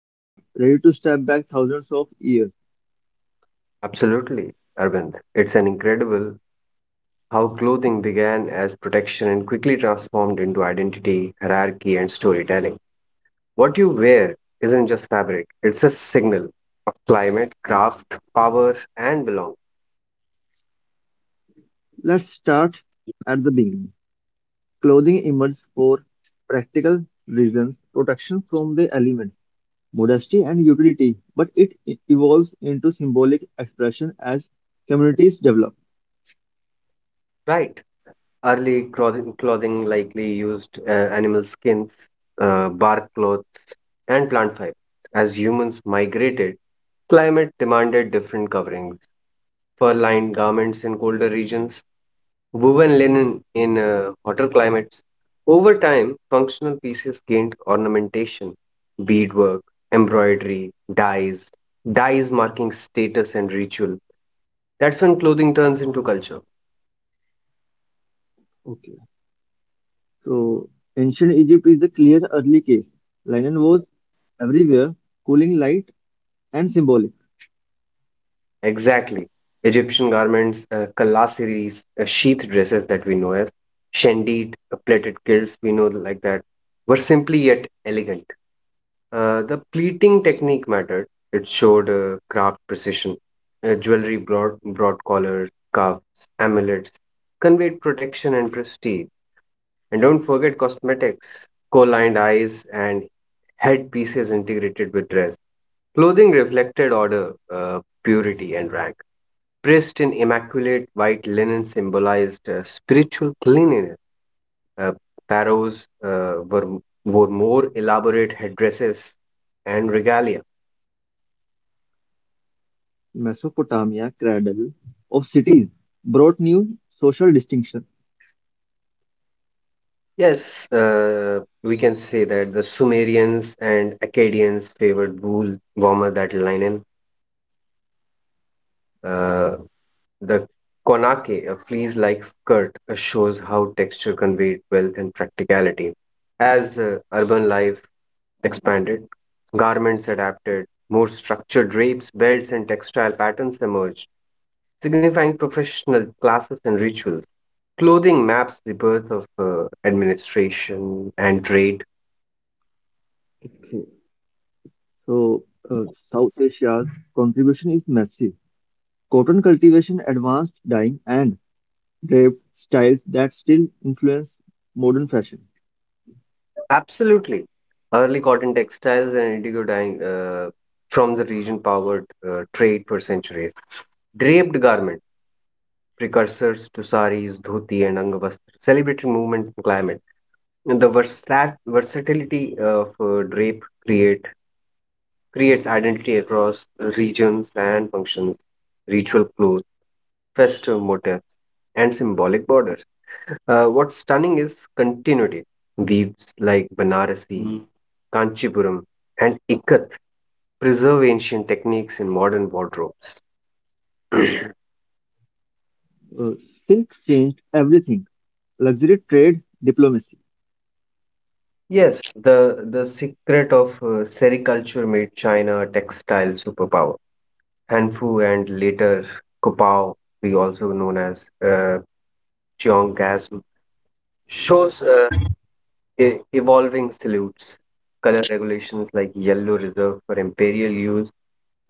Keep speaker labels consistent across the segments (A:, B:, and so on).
A: Nishant, ready to step back thousands of years?
B: Absolutely, Arvind. It's an incredible how clothing began as protection and quickly transformed into identity, hierarchy, and storytelling. What you wear isn't just fabric, it's a signal of climate, craft, power, and belonging.
A: Let's start at the beginning. Clothing emerged for practical reasons, protection from the elements modesty and utility, but evolves into symbolic expression as communities develop.
B: Right. Early clothing likely used animal skins, bark cloth, and plant fiber. As humans migrated, climate demanded different coverings. Fur lined garments in colder regions, woven linen in hotter climates. Over time, functional pieces gained ornamentation, beadwork, embroidery, dyes marking status and ritual. That's when clothing turns into culture.
A: Okay, so ancient Egypt is a clear early case. Linen was everywhere, cooling, light, and symbolic.
B: Exactly. Egyptian garments, kalasiris, sheath dresses that we know as shendit, plaited kilts we know like that, were simply yet elegant. The pleating technique mattered. It showed craft precision. Jewelry brought broad collars, cuffs, amulets, conveyed protection and prestige. And don't forget cosmetics, co-lined eyes and headpieces integrated with dress. Clothing reflected order, purity, and rank. Dressed in immaculate white linen symbolized spiritual cleanliness. Uh, pharaohs wore more elaborate headdresses and regalia.
A: Mesopotamia, cradle of cities, brought new social distinction.
B: Yes, we can say that the Sumerians and Akkadians favored wool warmer than linen. Uh, the konake, a fleece-like skirt, shows how texture conveyed wealth and practicality. As urban life expanded, garments adapted, more structured drapes, belts, and textile patterns emerged, signifying professional classes and rituals. Clothing maps the birth of administration and trade.
A: Okay, so uh, South Asia's contribution is massive. Cotton cultivation, advanced dyeing, and drape styles that still influence modern fashion.
B: Absolutely. Early cotton textiles and indigo dyeing from the region powered trade for centuries. Draped garments, precursors to saris, dhoti, and angavastra, celebrated movement and climate. And the versatility of drape creates identity across regions and functions, ritual clues, festive motifs, and symbolic borders. What's stunning is continuity. Weaves like Banarasi, Mm. Kanchipuram, and Ikat preserve ancient techniques in modern wardrobes.
A: Uh, Silk changed everything luxury trade, diplomacy.
B: Yes, the secret of sericulture made China a textile superpower. Hanfu and later Kopao, we also known as Cheong gas, shows evolving salutes, color regulations like yellow reserved for imperial use,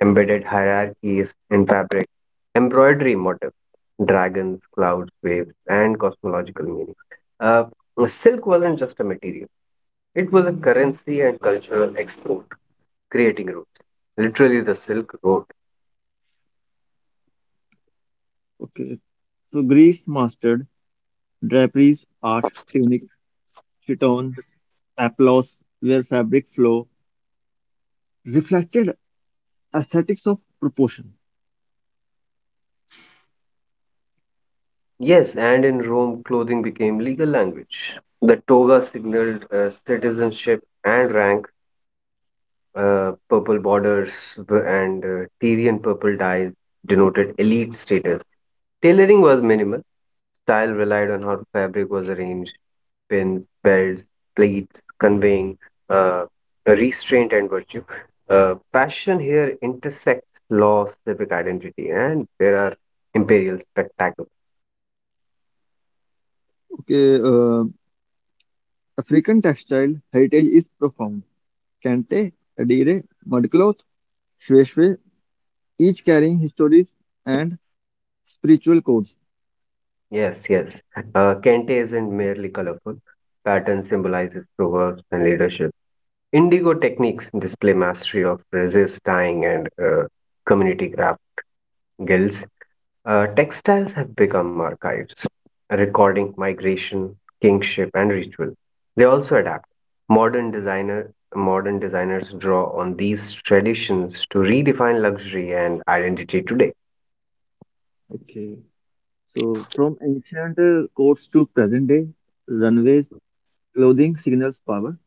B: embedded hierarchies in fabric, embroidery motifs, dragons, clouds, waves, and cosmological meanings. Uh, silk wasn't just a material, it was a currency and cultural export, creating routes, literally the Silk Road.
A: Okay, so Greece mastered draperies, art, tunic, chiton, applause, where fabric flow reflected aesthetics of proportion.
B: Yes, and in Rome, clothing became legal language. The toga signaled citizenship and rank. Purple borders and Tyrian purple dyes denoted elite status. Tailoring was minimal. Style relied on how fabric was arranged, pins, belts, pleats, conveying uh, restraint and virtue. Fashion here intersects law, civic identity, and there are imperial spectacles.
A: Okay, African textile heritage is profound. Kente, Adire, mudcloth, Shweshwe, each carrying histories and spiritual codes.
B: Yes, yes. Kente isn't merely colorful. Pattern symbolizes proverbs and leadership. Indigo techniques display mastery of resist dyeing and community craft guilds. Textiles have become archives, recording migration, kingship, and ritual. They also adapt. Modern designer modern designers draw on these traditions to redefine luxury and identity today.
A: Okay, so from ancient codes to present day, runways. Clothing signals power.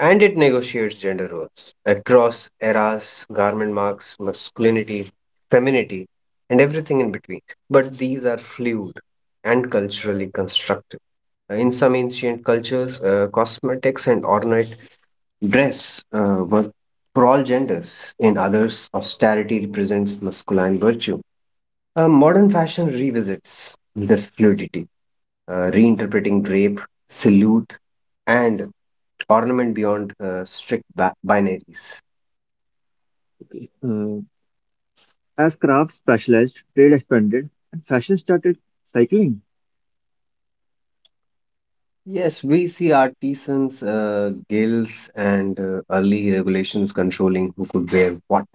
B: And it negotiates gender roles across eras, garment marks, masculinity, femininity, and everything in between. But these are fluid and culturally constructed. In some ancient cultures, cosmetics and ornate dress were for all genders. In others, austerity represents masculine virtue. Modern fashion revisits this fluidity, reinterpreting drape, salute, and ornament beyond strict binaries.
A: Okay. As crafts specialized, trade expanded, and fashion started cycling.
B: Yes, we see artisans, guilds, and early regulations controlling who could wear what.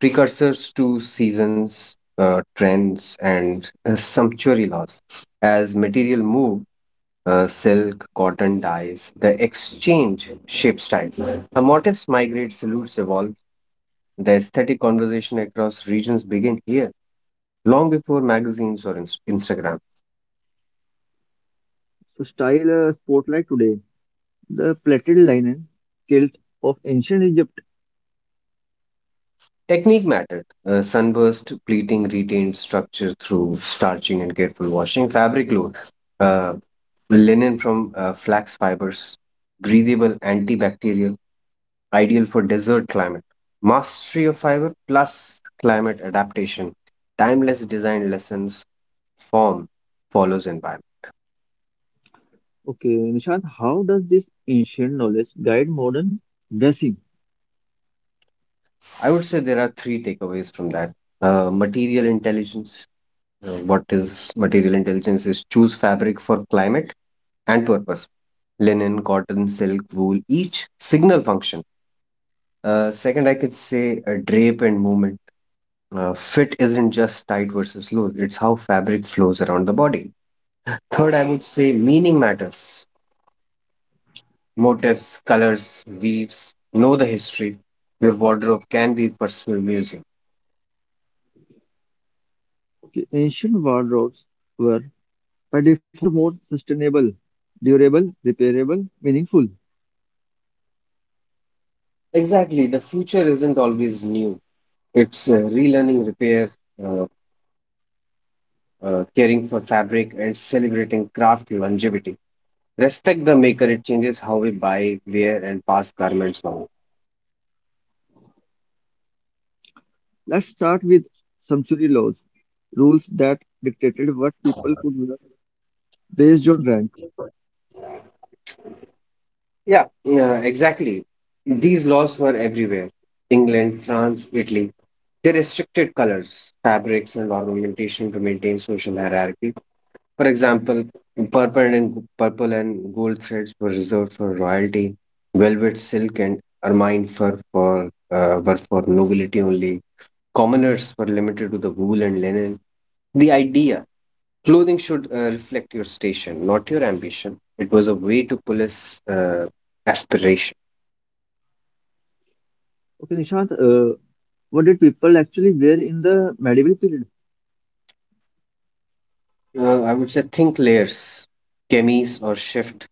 B: Precursors to seasons, trends, and sumptuary laws. As material move, silk, cotton dyes, the exchange shape styles. A motifs migrate, salutes evolve. The aesthetic conversation across regions begin here, long before magazines or Instagram.
A: So, style spotlight today. The plaited linen kilt of ancient Egypt.
B: Technique mattered. Sunburst pleating retained structure through starching and careful washing. Fabric load. Uh, linen from flax fibers. Breathable antibacterial. Ideal for desert climate. Mastery of fiber plus climate adaptation. Timeless design lessons. Form follows environment.
A: Okay, Nishant, how does this ancient knowledge guide modern dressing?
B: I would say there are three takeaways from that. Material intelligence. What is material intelligence is choose fabric for climate and purpose, linen cotton silk wool each signal function. Second I could say drape and movement. Fit isn't just tight versus loose, it's how fabric flows around the body. Third, I would say meaning matters, motifs colors weaves, know the history. Your wardrobe can be personal museum.
A: Okay, ancient wardrobes were by default more sustainable, durable, repairable, meaningful.
B: Exactly, the future isn't always new, it's relearning repair, uh, caring for fabric and celebrating craft longevity. Respect the maker, it changes how we buy, wear, and pass garments on.
A: Let's start with sumptuary laws, rules that dictated what people could wear based on rank.
B: Yeah, yeah, exactly. These laws were everywhere, England, France, Italy. They restricted colors, fabrics, and ornamentation to maintain social hierarchy. For example, purple and gold threads were reserved for royalty, velvet silk and ermine fur for, were for nobility only. Commoners were limited to the wool and linen. The idea, clothing should reflect your station, not your ambition. It was a way to police aspiration.
A: Okay, Nishant, what did people actually wear in the medieval period?
B: I would say think layers, chemise or shift.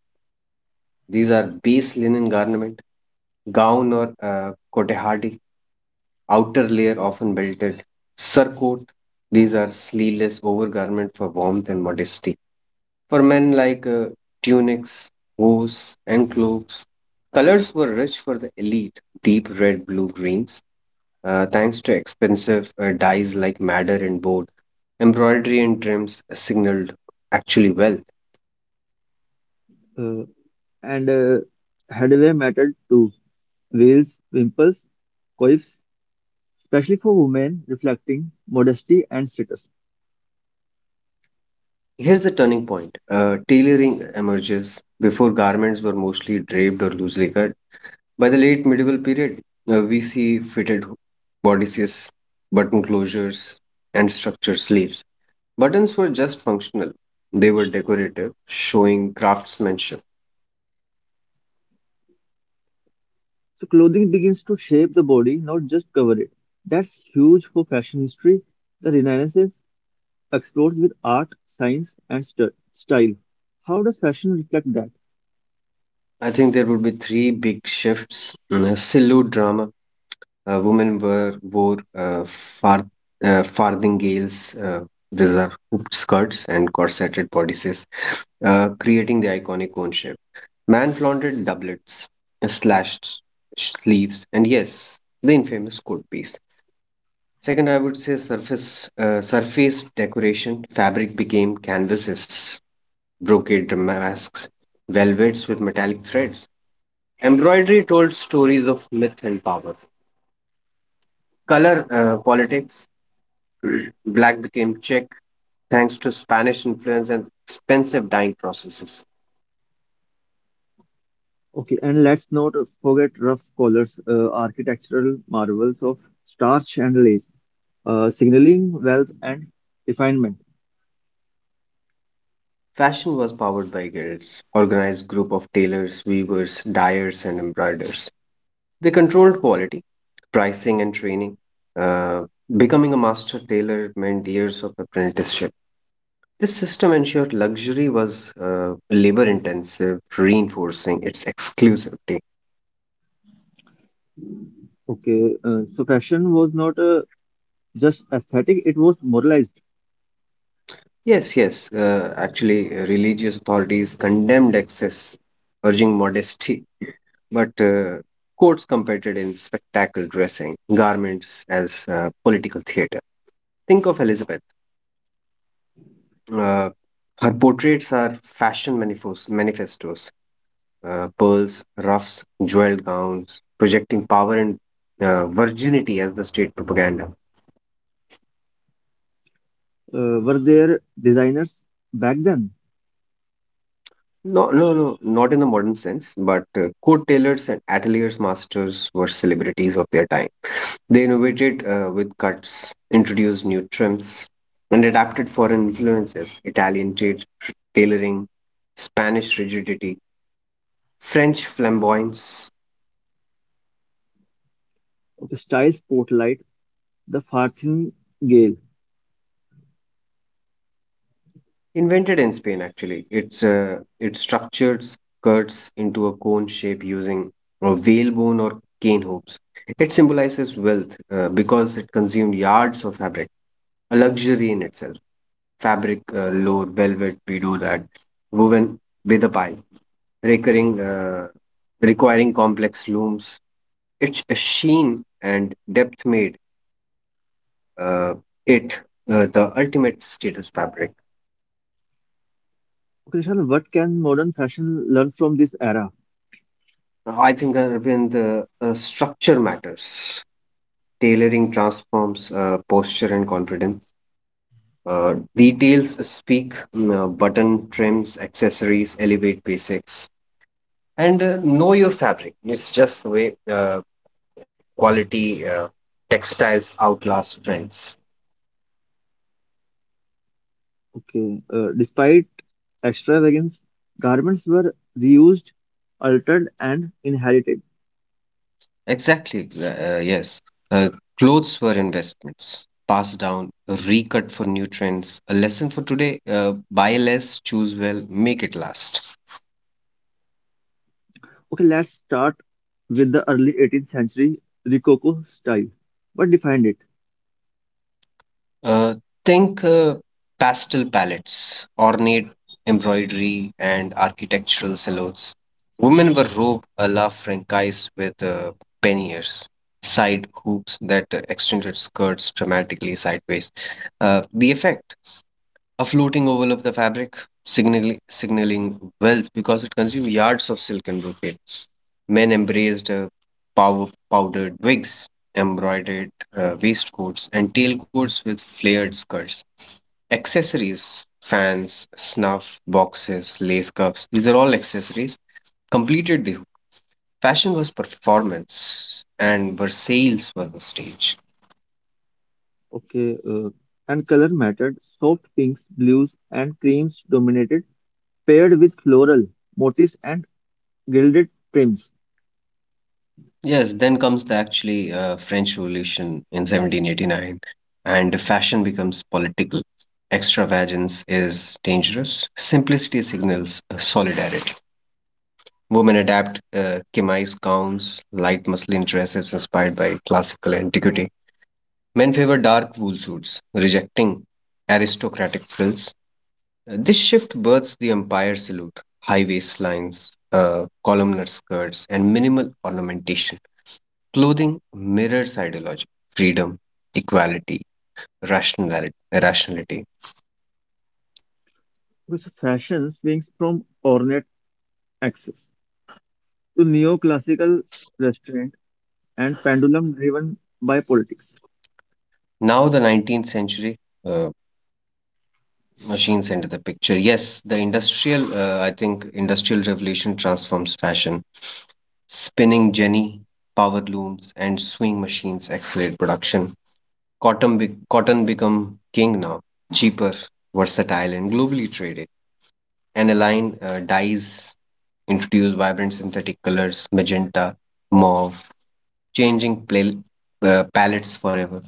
B: These are base linen garment, gown or kotehadi, outer layer often belted, surcoat. These are sleeveless overgarment for warmth and modesty. For men like tunics, hose, and cloaks, colors were rich for the elite, deep red, blue, greens, thanks to expensive dyes like madder and board. Embroidery and trims signaled actually wealth.
A: Uh, and headwear mattered too. Veils, wimples, coifs, especially for women, reflecting modesty and status.
B: Here's the turning point. Tailoring emerges. Before garments were mostly draped or loosely cut. By the late medieval period, we see fitted bodices, button closures, and structured sleeves. Buttons were just functional. They were decorative, showing craftsmanship.
A: So clothing begins to shape the body, not just cover it. That's huge for fashion history. The Renaissance explores with art, science, and style. How does fashion reflect that?
B: I think there would be three big shifts. Mm, Sillu drama. Women were wore farthingales. These are hooped skirts and corseted bodices, creating the iconic cone shape. Man flaunted doublets, slashed sleeves, and yes, the infamous coat piece. Second, I would say surface decoration. Fabric became canvases, brocade masks, velvets with metallic threads. Embroidery told stories of myth and power. Color politics. Black became Czech thanks to Spanish influence and expensive dyeing processes.
A: Okay, and let's not forget rough colors, architectural marvels of starch and lace, signaling wealth and refinement.
B: Fashion was powered by guilds, organized group of tailors, weavers, dyers, and embroiderers. They controlled quality, pricing, and training. Uh, becoming a master tailor meant years of apprenticeship. This system ensured luxury was labor intensive, reinforcing its exclusivity.
A: Okay, so fashion was not just aesthetic, it was moralized.
B: Yes, yes, religious authorities condemned excess, urging modesty, but courts competed in spectacle dressing, garments as political theater. Think of Elizabeth. Uh, her portraits are fashion manifestos, pearls, ruffs, jeweled gowns, projecting power and virginity as the state propaganda.
A: Were there designers back then?
B: No, no, no, not in the modern sense, but coat tailors and ateliers masters were celebrities of their time. They innovated with cuts, introduced new trims, and adapted foreign influences, Italian tailoring, Spanish rigidity, French flamboyance.
A: Okay, style spotlight, the farthingale.
B: Invented in Spain actually. It structured skirts into a cone shape using a whalebone or cane hoops. It symbolizes wealth because it consumed yards of fabric, a luxury in itself. Fabric, lower velvet, we do that. Woven with a pie, recurring, requiring complex looms. Its a sheen and depth made uh, it the ultimate status fabric.
A: Okay, Nishan, what can modern fashion learn from this era?
B: I think when the structure matters, tailoring transforms posture and confidence. Details speak, mm, button trims, accessories elevate basics, and know your fabric. It's just the way quality textiles outlast trends.
A: Okay, despite extravagance, garments were reused, altered, and inherited.
B: Exactly. Uh, Clothes were investments, passed down, recut for new trends. A lesson for today: buy less, choose well, make it last.
A: Okay, let's start with the early 18th century Rococo style. What defined it?
B: Uh, think Pastel palettes, ornate embroidery, and architectural silhouettes. Women were robed a la Francaise with panniers, side hoops that extended skirts dramatically sideways. The effect, a floating oval of the fabric, signaling wealth because it consumed yards of silk and brocade. Men embraced powdered wigs, embroidered waistcoats, and tailcoats with flared skirts. Accessories, fans, snuff, boxes, lace cuffs, these are all accessories, completed the hook. Fashion was performance and Versailles was a stage.
A: Okay, and color mattered. Soft pinks, blues, and creams dominated, paired with floral motifs and gilded trims.
B: Yes, then comes the actually French Revolution in 1789 and fashion becomes political. Extravagance is dangerous. Simplicity signals solidarity. Women adapt chemise gowns, light muslin dresses inspired by classical antiquity. Men favor dark wool suits, rejecting aristocratic frills. This shift births the empire salute, high waistlines, columnar skirts, and minimal ornamentation. Clothing mirrors ideology, freedom, equality, rationality. rationality.
A: This fashion swings from ornate access to neoclassical restraint and pendulum driven by politics.
B: Now, the 19th century uh, machines enter the picture. Yes, the industrial, industrial revolution transforms fashion. Spinning jenny, power looms, and sewing machines accelerate production. Cotton become king now, cheaper, versatile, and globally traded. Aniline dyes introduce vibrant synthetic colors, magenta, mauve, changing palettes forever.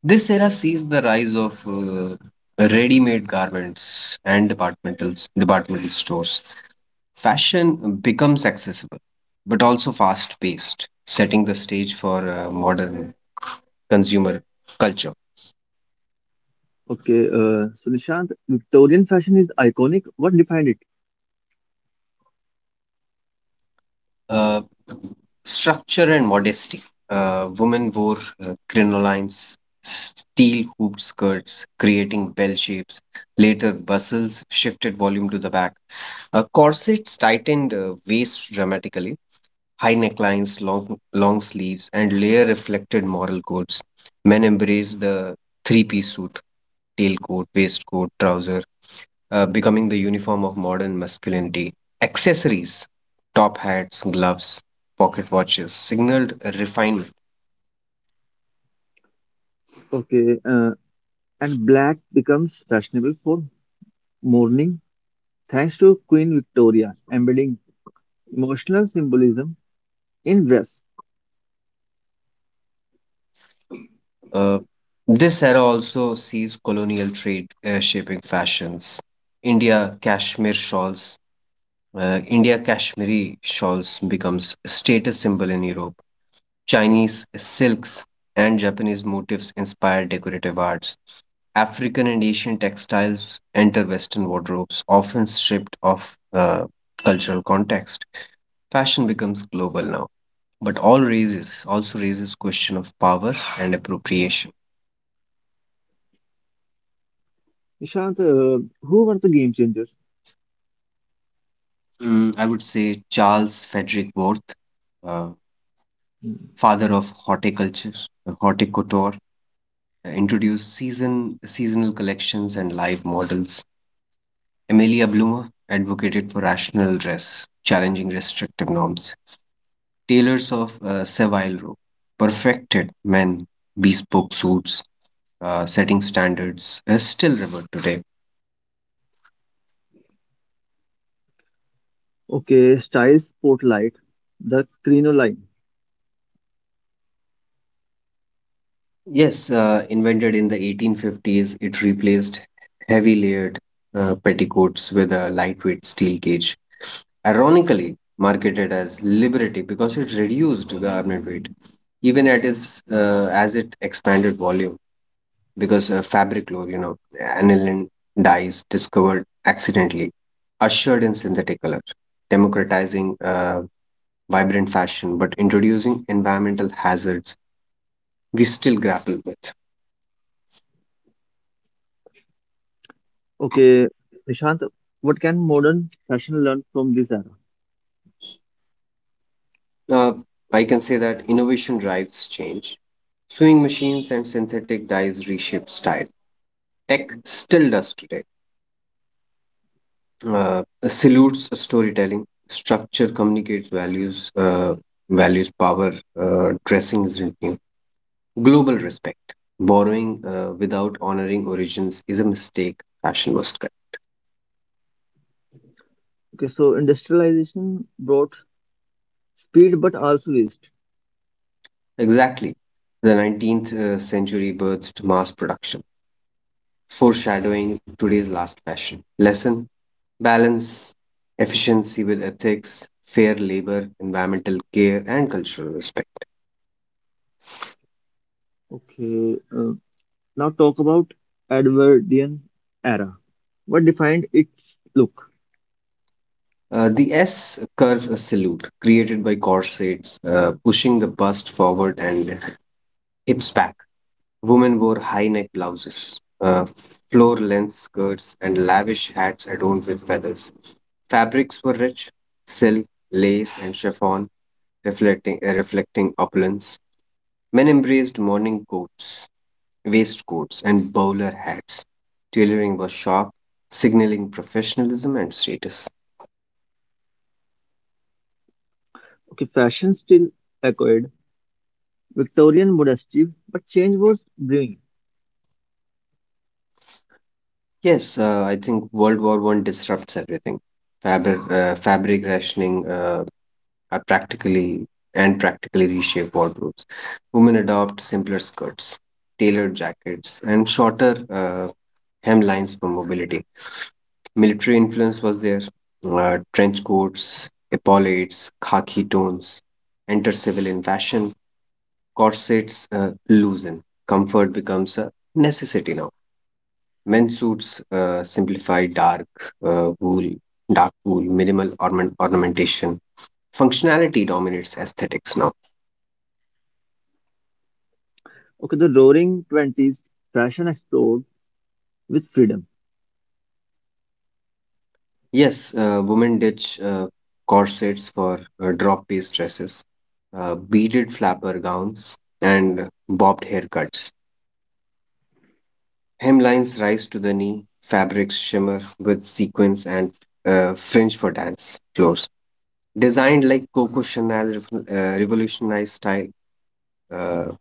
B: This era sees the rise of ready-made garments and departmental stores. Fashion becomes accessible, but also fast-paced, setting the stage for modern consumer culture.
A: Okay, so Nishant, Victorian fashion is iconic. What defined it?
B: Uh, structure and modesty. Women wore crinolines, steel hooped skirts, creating bell shapes. Later, bustles shifted volume to the back. Corsets tightened waist dramatically. High necklines, long sleeves, and layer reflected moral codes. Men embraced the three-piece suit tailcoat, waistcoat, trouser, becoming the uniform of modern masculinity. Accessories, top hats, gloves, pocket watches signaled refinement.
A: Okay, and black becomes fashionable for mourning, thanks to Queen Victoria embedding emotional symbolism in dress.
B: Uh, this era also sees colonial trade shaping fashions. India cashmere shawls, India cashmere shawls becomes a status symbol in Europe. Chinese silks and Japanese motifs inspire decorative arts. African and Asian textiles enter Western wardrobes, often stripped of cultural context. Fashion becomes global now, but all raises question of power and appropriation.
A: Nishant, who were the game changers?
B: Mm, I would say Charles Frederick Worth, uh, father of horticulture, horticultor, introduced seasonal collections and live models. Amelia Bloomer advocated for rational dress, challenging restrictive norms. Tailors of Savile Row perfected men, bespoke suits, setting standards, is still revered today.
A: Okay, Styles Spotlight, the crinoline.
B: Yes, invented in the 1850s, it replaced heavy layered petticoats with a lightweight steel cage. Ironically, marketed as Liberty because it reduced garment weight, even at as it expanded volume. Because fabric lore, aniline dyes discovered accidentally, ushered in synthetic color, democratizing vibrant fashion, but introducing environmental hazards we still grapple with.
A: Okay, Nishant, what can modern fashion learn from this era?
B: Uh, I can say that innovation drives change. Sewing machines and synthetic dyes reshape style. Tech still does today. Salutes storytelling. Structure communicates values. Values power. Dressing isn't new. Global respect. Borrowing without honoring origins is a mistake fashion must correct.
A: Okay, so industrialization brought speed but also waste.
B: Exactly. The 19th century birthed mass production, foreshadowing today's last fashion. Lesson balance, efficiency with ethics, fair labor, environmental care, and cultural respect.
A: Okay, now talk about Edwardian era. What defined its look?
B: The S curve salute, created by corsets, pushing the bust forward and hips back. Women wore high neck blouses, floor length skirts, and lavish hats adorned with feathers. Fabrics were rich silk, lace, and chiffon, reflecting opulence. Men embraced morning coats, waistcoats, and bowler hats. Tailoring was sharp, signaling professionalism and status.
A: Okay, fashion still echoed Victorian modesty, but change was brewing.
B: Yes, I think World War One disrupts everything. Fabric rationing, are practically and practically reshape wardrobes. Women adopt simpler skirts, tailored jackets, and shorter hemlines for mobility. Military influence was there. Trench coats, epaulettes, khaki tones enter civilian fashion. Corsets loosen. Comfort becomes a necessity now. Men's suits simplify uh, wool, dark wool, minimal ornamentation. Functionality dominates aesthetics now.
A: Okay, the Roaring Twenties, fashion explored with freedom.
B: Yes, women ditch corsets for drop-waist dresses, beaded flapper gowns, and bobbed haircuts. Hemlines rise to the knee, fabrics shimmer with sequins and fringe for dance floors. Designed like Coco Chanel revolutionized style, uh,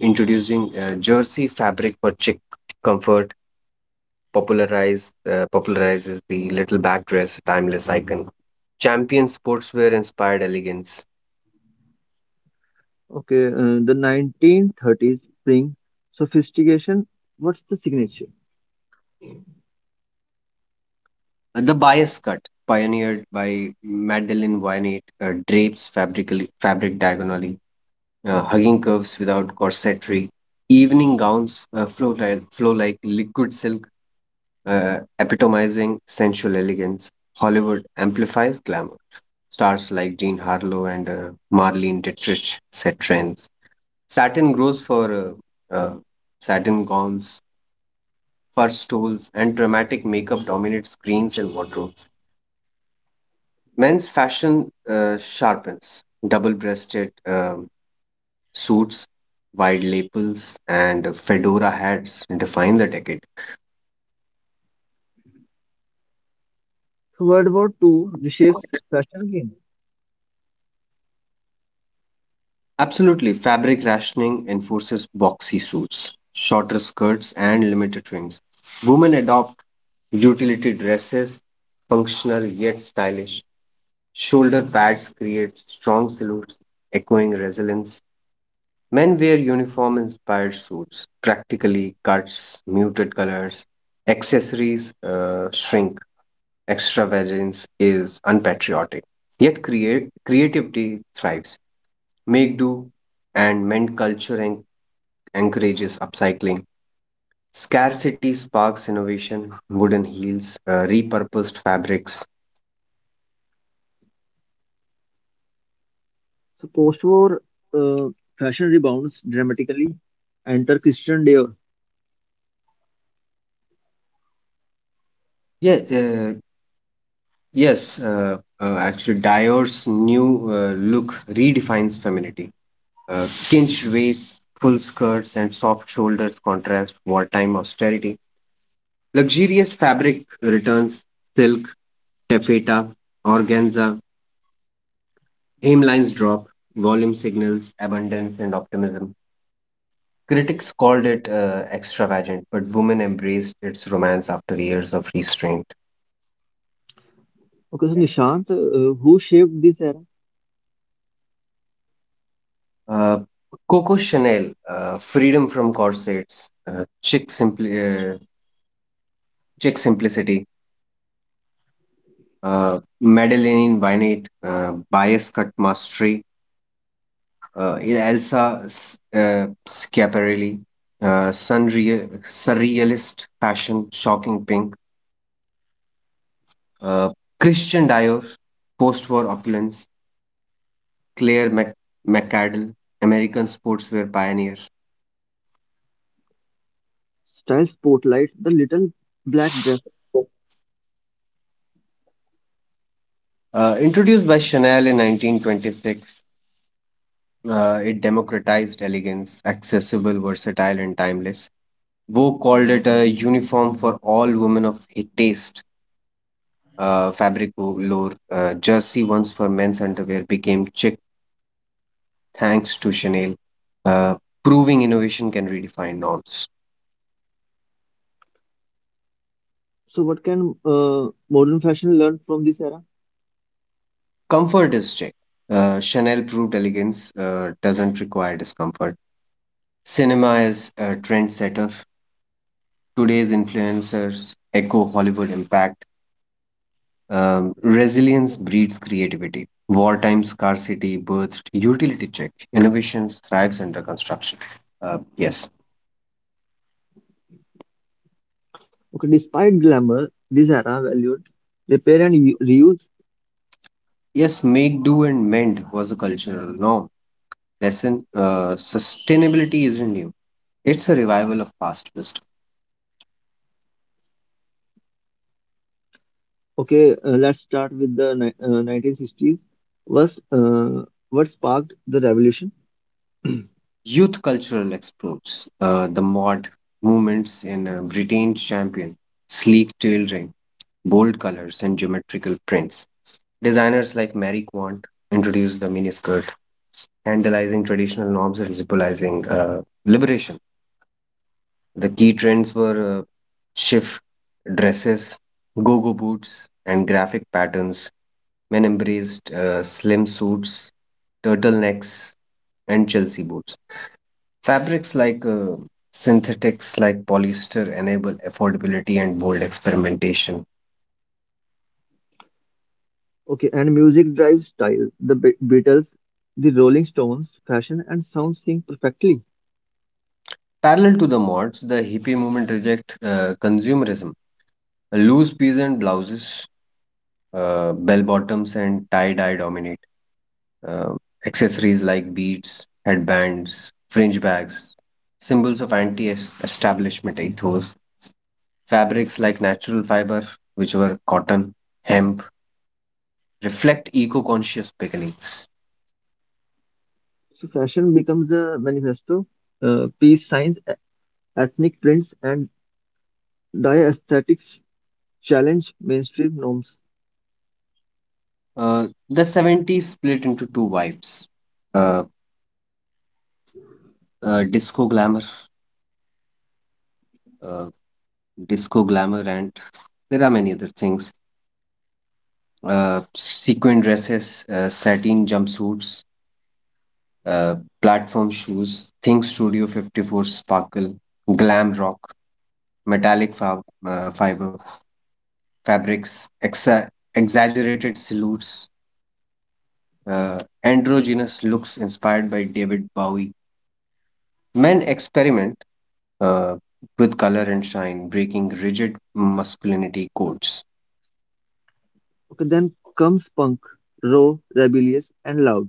B: introducing jersey fabric for chic comfort, popularizes the little back dress, a timeless icon. Champion sportswear inspired elegance.
A: Okay, the 1930s bring sophistication. What's the signature?
B: The bias cut, pioneered by Madeleine Wynette, fabric diagonally, hugging curves without corsetry, evening gowns flow like liquid silk, epitomizing sensual elegance. Hollywood amplifies glamour. Stars like Jean Harlow and Marlene Dietrich set trends. Satin grows for uh, uh, Satin gowns, fur stoles, and dramatic makeup dominate screens and wardrobes. Men's fashion sharpens double breasted suits, wide lapels, and fedora hats define the decade.
A: So World War II reshapes fashion again.
B: Absolutely, fabric rationing enforces boxy suits, shorter skirts, and limited trims. Women adopt utility dresses, functional yet stylish. Shoulder pads create strong silhouettes, echoing resilience. Men wear uniform inspired suits, practically cuts, muted colors, accessories shrink, extravagance is unpatriotic. Yet creativity thrives. Make do and mend culture encourages upcycling. Scarcity sparks innovation, wooden heels, repurposed fabrics.
A: So post-war uh, fashion rebounds dramatically. Enter Christian Dior.
B: Yeah, uh, yes, actually, Dior's new look redefines femininity. Cinched waist, full skirts, and soft shoulders contrast wartime austerity. Luxurious fabric returns silk, taffeta, organza, hemlines drop, volume signals abundance and optimism. Critics called it extravagant, but women embraced its romance after years of restraint.
A: Okay, so Nishant, who shaped this era?
B: Uh, Coco Chanel, freedom from corsets, uh, chic simplicity, Madeleine Vinate, Bias Cut Mastery, uh, Elsa Schiaparelli, Sunreal, Surrealist Fashion, Shocking Pink, uh, Christian Dior, Post War Opulence, Claire McAdell, American Sportswear Pioneer.
A: Style spotlight, the little black dress.
B: Introduced by Chanel in 1926, it democratized elegance, accessible, versatile, and timeless. Vogue called it a uniform for all women of taste. Fabric lore, jersey once for men's underwear became chic thanks to Chanel, uh, proving innovation can redefine norms.
A: So what can modern fashion learn from this era?
B: Comfort is chic. Chanel proved elegance doesn't require discomfort. Cinema is a trendsetter. Today's influencers echo Hollywood impact. Resilience breeds creativity. Wartime scarcity birthed utility check. Innovation thrives under construction. Yes.
A: Okay, despite glamour, this era valued repair and reuse.
B: Yes, make, do, and mend was a cultural norm. Lesson sustainability isn't new, it's a revival of past wisdom.
A: Okay, let's start with the 1960s. Was What sparked the revolution?
B: Youth cultural exports, the mod movements in Britain's champion, sleek tailoring, bold colors, and geometrical prints. Designers like Mary Quant introduced the miniskirt vandalizing traditional norms and symbolizing liberation. The key trends were shift dresses, go go boots, and graphic patterns. Men embraced slim suits, turtlenecks, and Chelsea boots. Fabrics like Synthetics like polyester enable affordability and bold experimentation.
A: Okay, and music drives style. The Beatles, the Rolling Stones, fashion and sound sync perfectly.
B: Parallel to the mods, the hippie movement reject consumerism. Loose peasant blouses, bell bottoms, and tie dye dominate uh, accessories like beads, headbands, fringe bags, symbols of anti establishment ethos, fabrics like natural fiber, which were cotton, hemp, reflect eco conscious beginnings.
A: So fashion becomes the manifesto. Peace signs, ethnic prints, and dye aesthetics challenge mainstream norms.
B: The 70s split into two vibes uh, uh, disco glamour, uh, disco glamour, and there are many other things. Sequin dresses, satin jumpsuits, uh, platform shoes, Think Studio 54 Sparkle, Glam Rock, metallic fabrics, exaggerated silhouettes, androgynous looks inspired by David Bowie. Men experiment uh, with color and shine, breaking rigid masculinity codes.
A: Okay, then comes punk, raw, rebellious, and loud.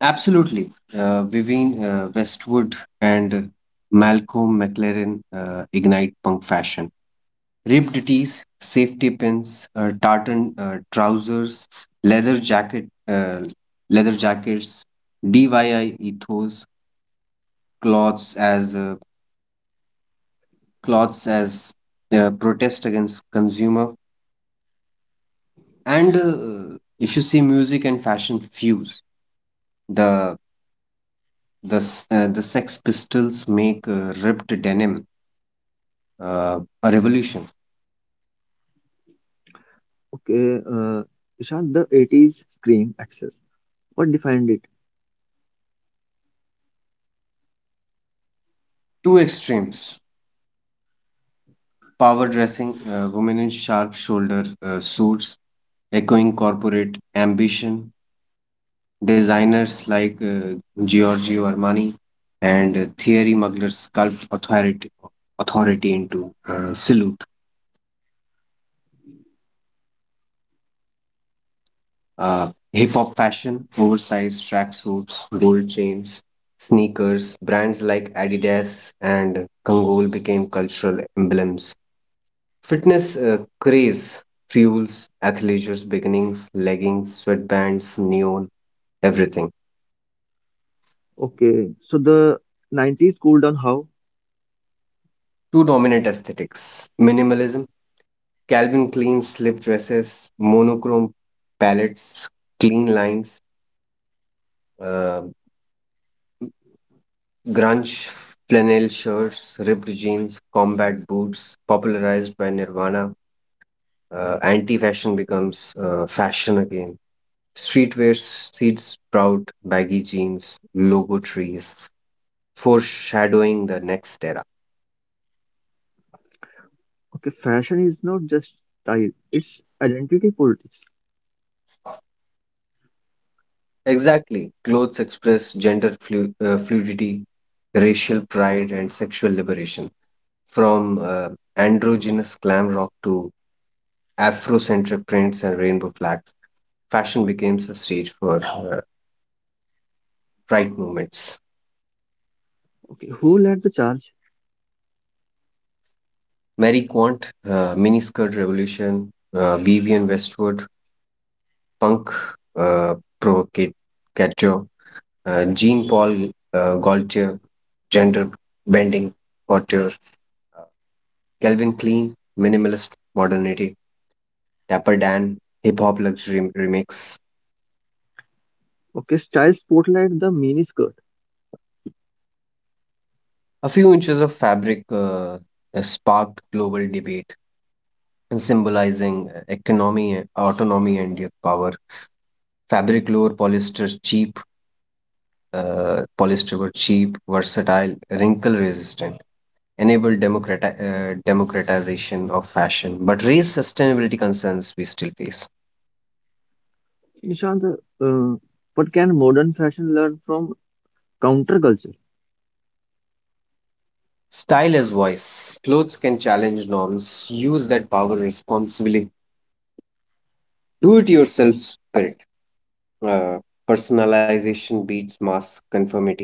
B: Absolutely. Vivian Westwood and Malcolm McLaren ignite punk fashion ripped tees, safety pins, tartan trousers, leather jacket, uh, leather jackets, DIY ethos, cloths as uh, cloths as protest against consumer, and if you see music and fashion fuse the the Sex Pistols make ripped denim a revolution.
A: Okay, Ishan, the 80s scream access. What defined it?
B: Two extremes: power dressing, women in sharp shoulder suits, echoing corporate ambition. Designers like Giorgio Armani and Thierry Mugler sculpt authority into silhouette. Hip hop fashion, oversized tracksuits, gold chains, sneakers, brands like Adidas and Kangol became cultural emblems. Fitness craze fuels athleisure's beginnings, leggings, sweatbands, neon, everything.
A: Okay, so the 90s cooled down how?
B: Two dominant aesthetics minimalism Calvin Klein slip dresses, monochrome palettes, clean lines, uh, grunge flannel shirts, ripped jeans, combat boots, popularized by Nirvana. Anti fashion becomes fashion again. Streetwear seeds sprout, baggy jeans, logo trees, foreshadowing the next era.
A: Okay, fashion is not just style, it's identity politics.
B: Exactly. Clothes express gender fluidity, racial pride, and sexual liberation. From androgynous glam rock to Afrocentric prints and rainbow flags, fashion became a stage for right movements.
A: Okay, who led the charge?
B: Mary Quant, miniskirt revolution, Vivian Westwood, punk provocateur, Jean Paul Gaultier, gender bending couture, uh, Calvin Klein, minimalist modernity, Dapper Dan, hip hop luxury remix.
A: Okay, style spotlight the mini skirt.
B: A few inches of fabric sparked global debate and symbolizing economy, autonomy, and your power. Fabric lore polyester were cheap, versatile, wrinkle resistant, enabled democratization of fashion, but raise sustainability concerns we still face.
A: Ishan, the, uh, what can modern fashion learn from counterculture?
B: Style as voice. Clothes can challenge norms. Use that power responsibly. Do it yourself spirit uh, personalization beats mass conformity.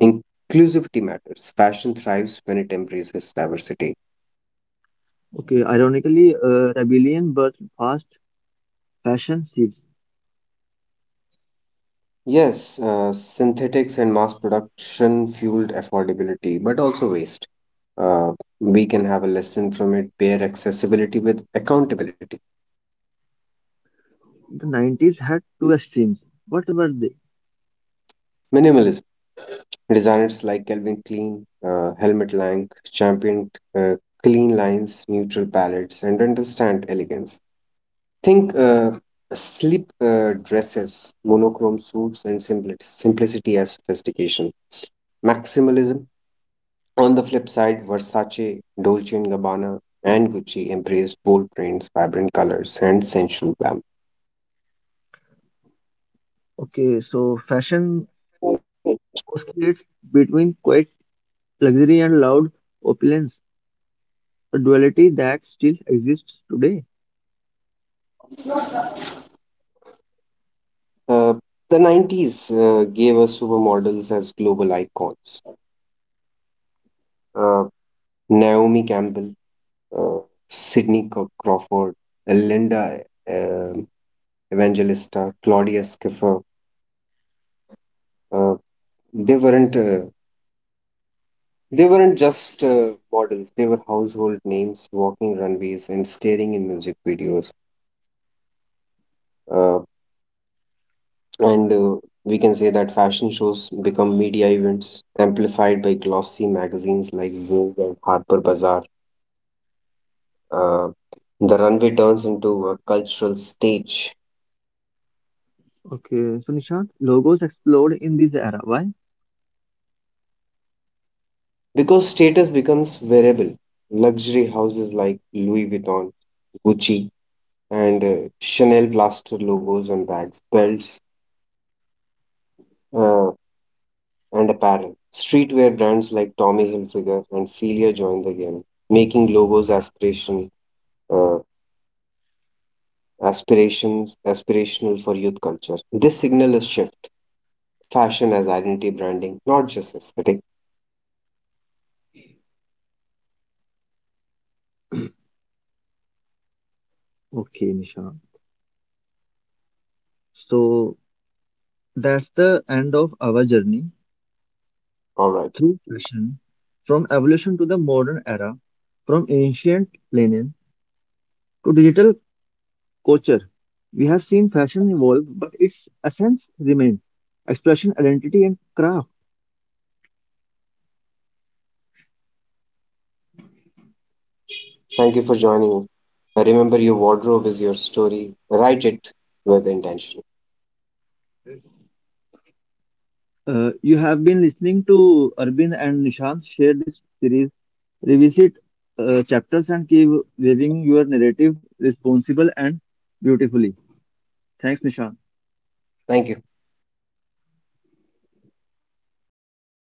B: Inclusivity matters. Fashion thrives when it embraces diversity.
A: Okay, ironically, rebellion birthed fast fashion seeds.
B: Yes, synthetics and mass production fueled affordability, but also waste. Uh, we can have a lesson from it, pair accessibility with accountability.
A: The 90s had two extremes. What were they?
B: Minimalism. Designers like Calvin Klein, Helmut Lang championed uh, clean lines, neutral palettes, and understand elegance. Think sleep dresses, monochrome suits, and simplicity as sophistication. Maximalism. On the flip side, Versace, Dolce and Gabbana, and Gucci embraced bold prints, vibrant colors, and sensual glam.
A: Okay, so fashion oscillates between quiet luxury and loud opulence, a duality that still exists today.
B: Uh, the 90s gave us supermodels as global icons. Uh, Naomi Campbell, uh, Sydney Crawford, Linda uh, Evangelista, Claudia Schiffer. Uh, they weren't uh, They weren't just models, they were household names walking runways and staring in music videos. Uh, and We can say that fashion shows become media events amplified by glossy magazines like Vogue and Harper Bazaar. Uh, the runway turns into a cultural stage
A: Okay, so Nishant, logos explode in this era. Why?
B: because status becomes variable. Luxury houses like Louis Vuitton, Gucci, and Chanel plaster logos on bags, belts, uh, and apparel. Streetwear brands like Tommy Hilfiger and Filia joined the game, making uh, aspirations aspirational for youth culture. This signal is shift fashion as identity branding, not just aesthetic.
A: Okay, Nishant. So that's the end of our journey
B: All right.
A: through fashion, from evolution to the modern era, from ancient linen to digital culture. We have seen fashion evolve, but its essence remains expression, identity, and craft.
B: Thank you for joining. Remember, your wardrobe is your story. Write it with intention.
A: You have been listening to Arvind and Nishant share this series, revisit chapters, and keep weaving your narrative responsible and beautifully. Thanks, Nishant.
B: Thank you.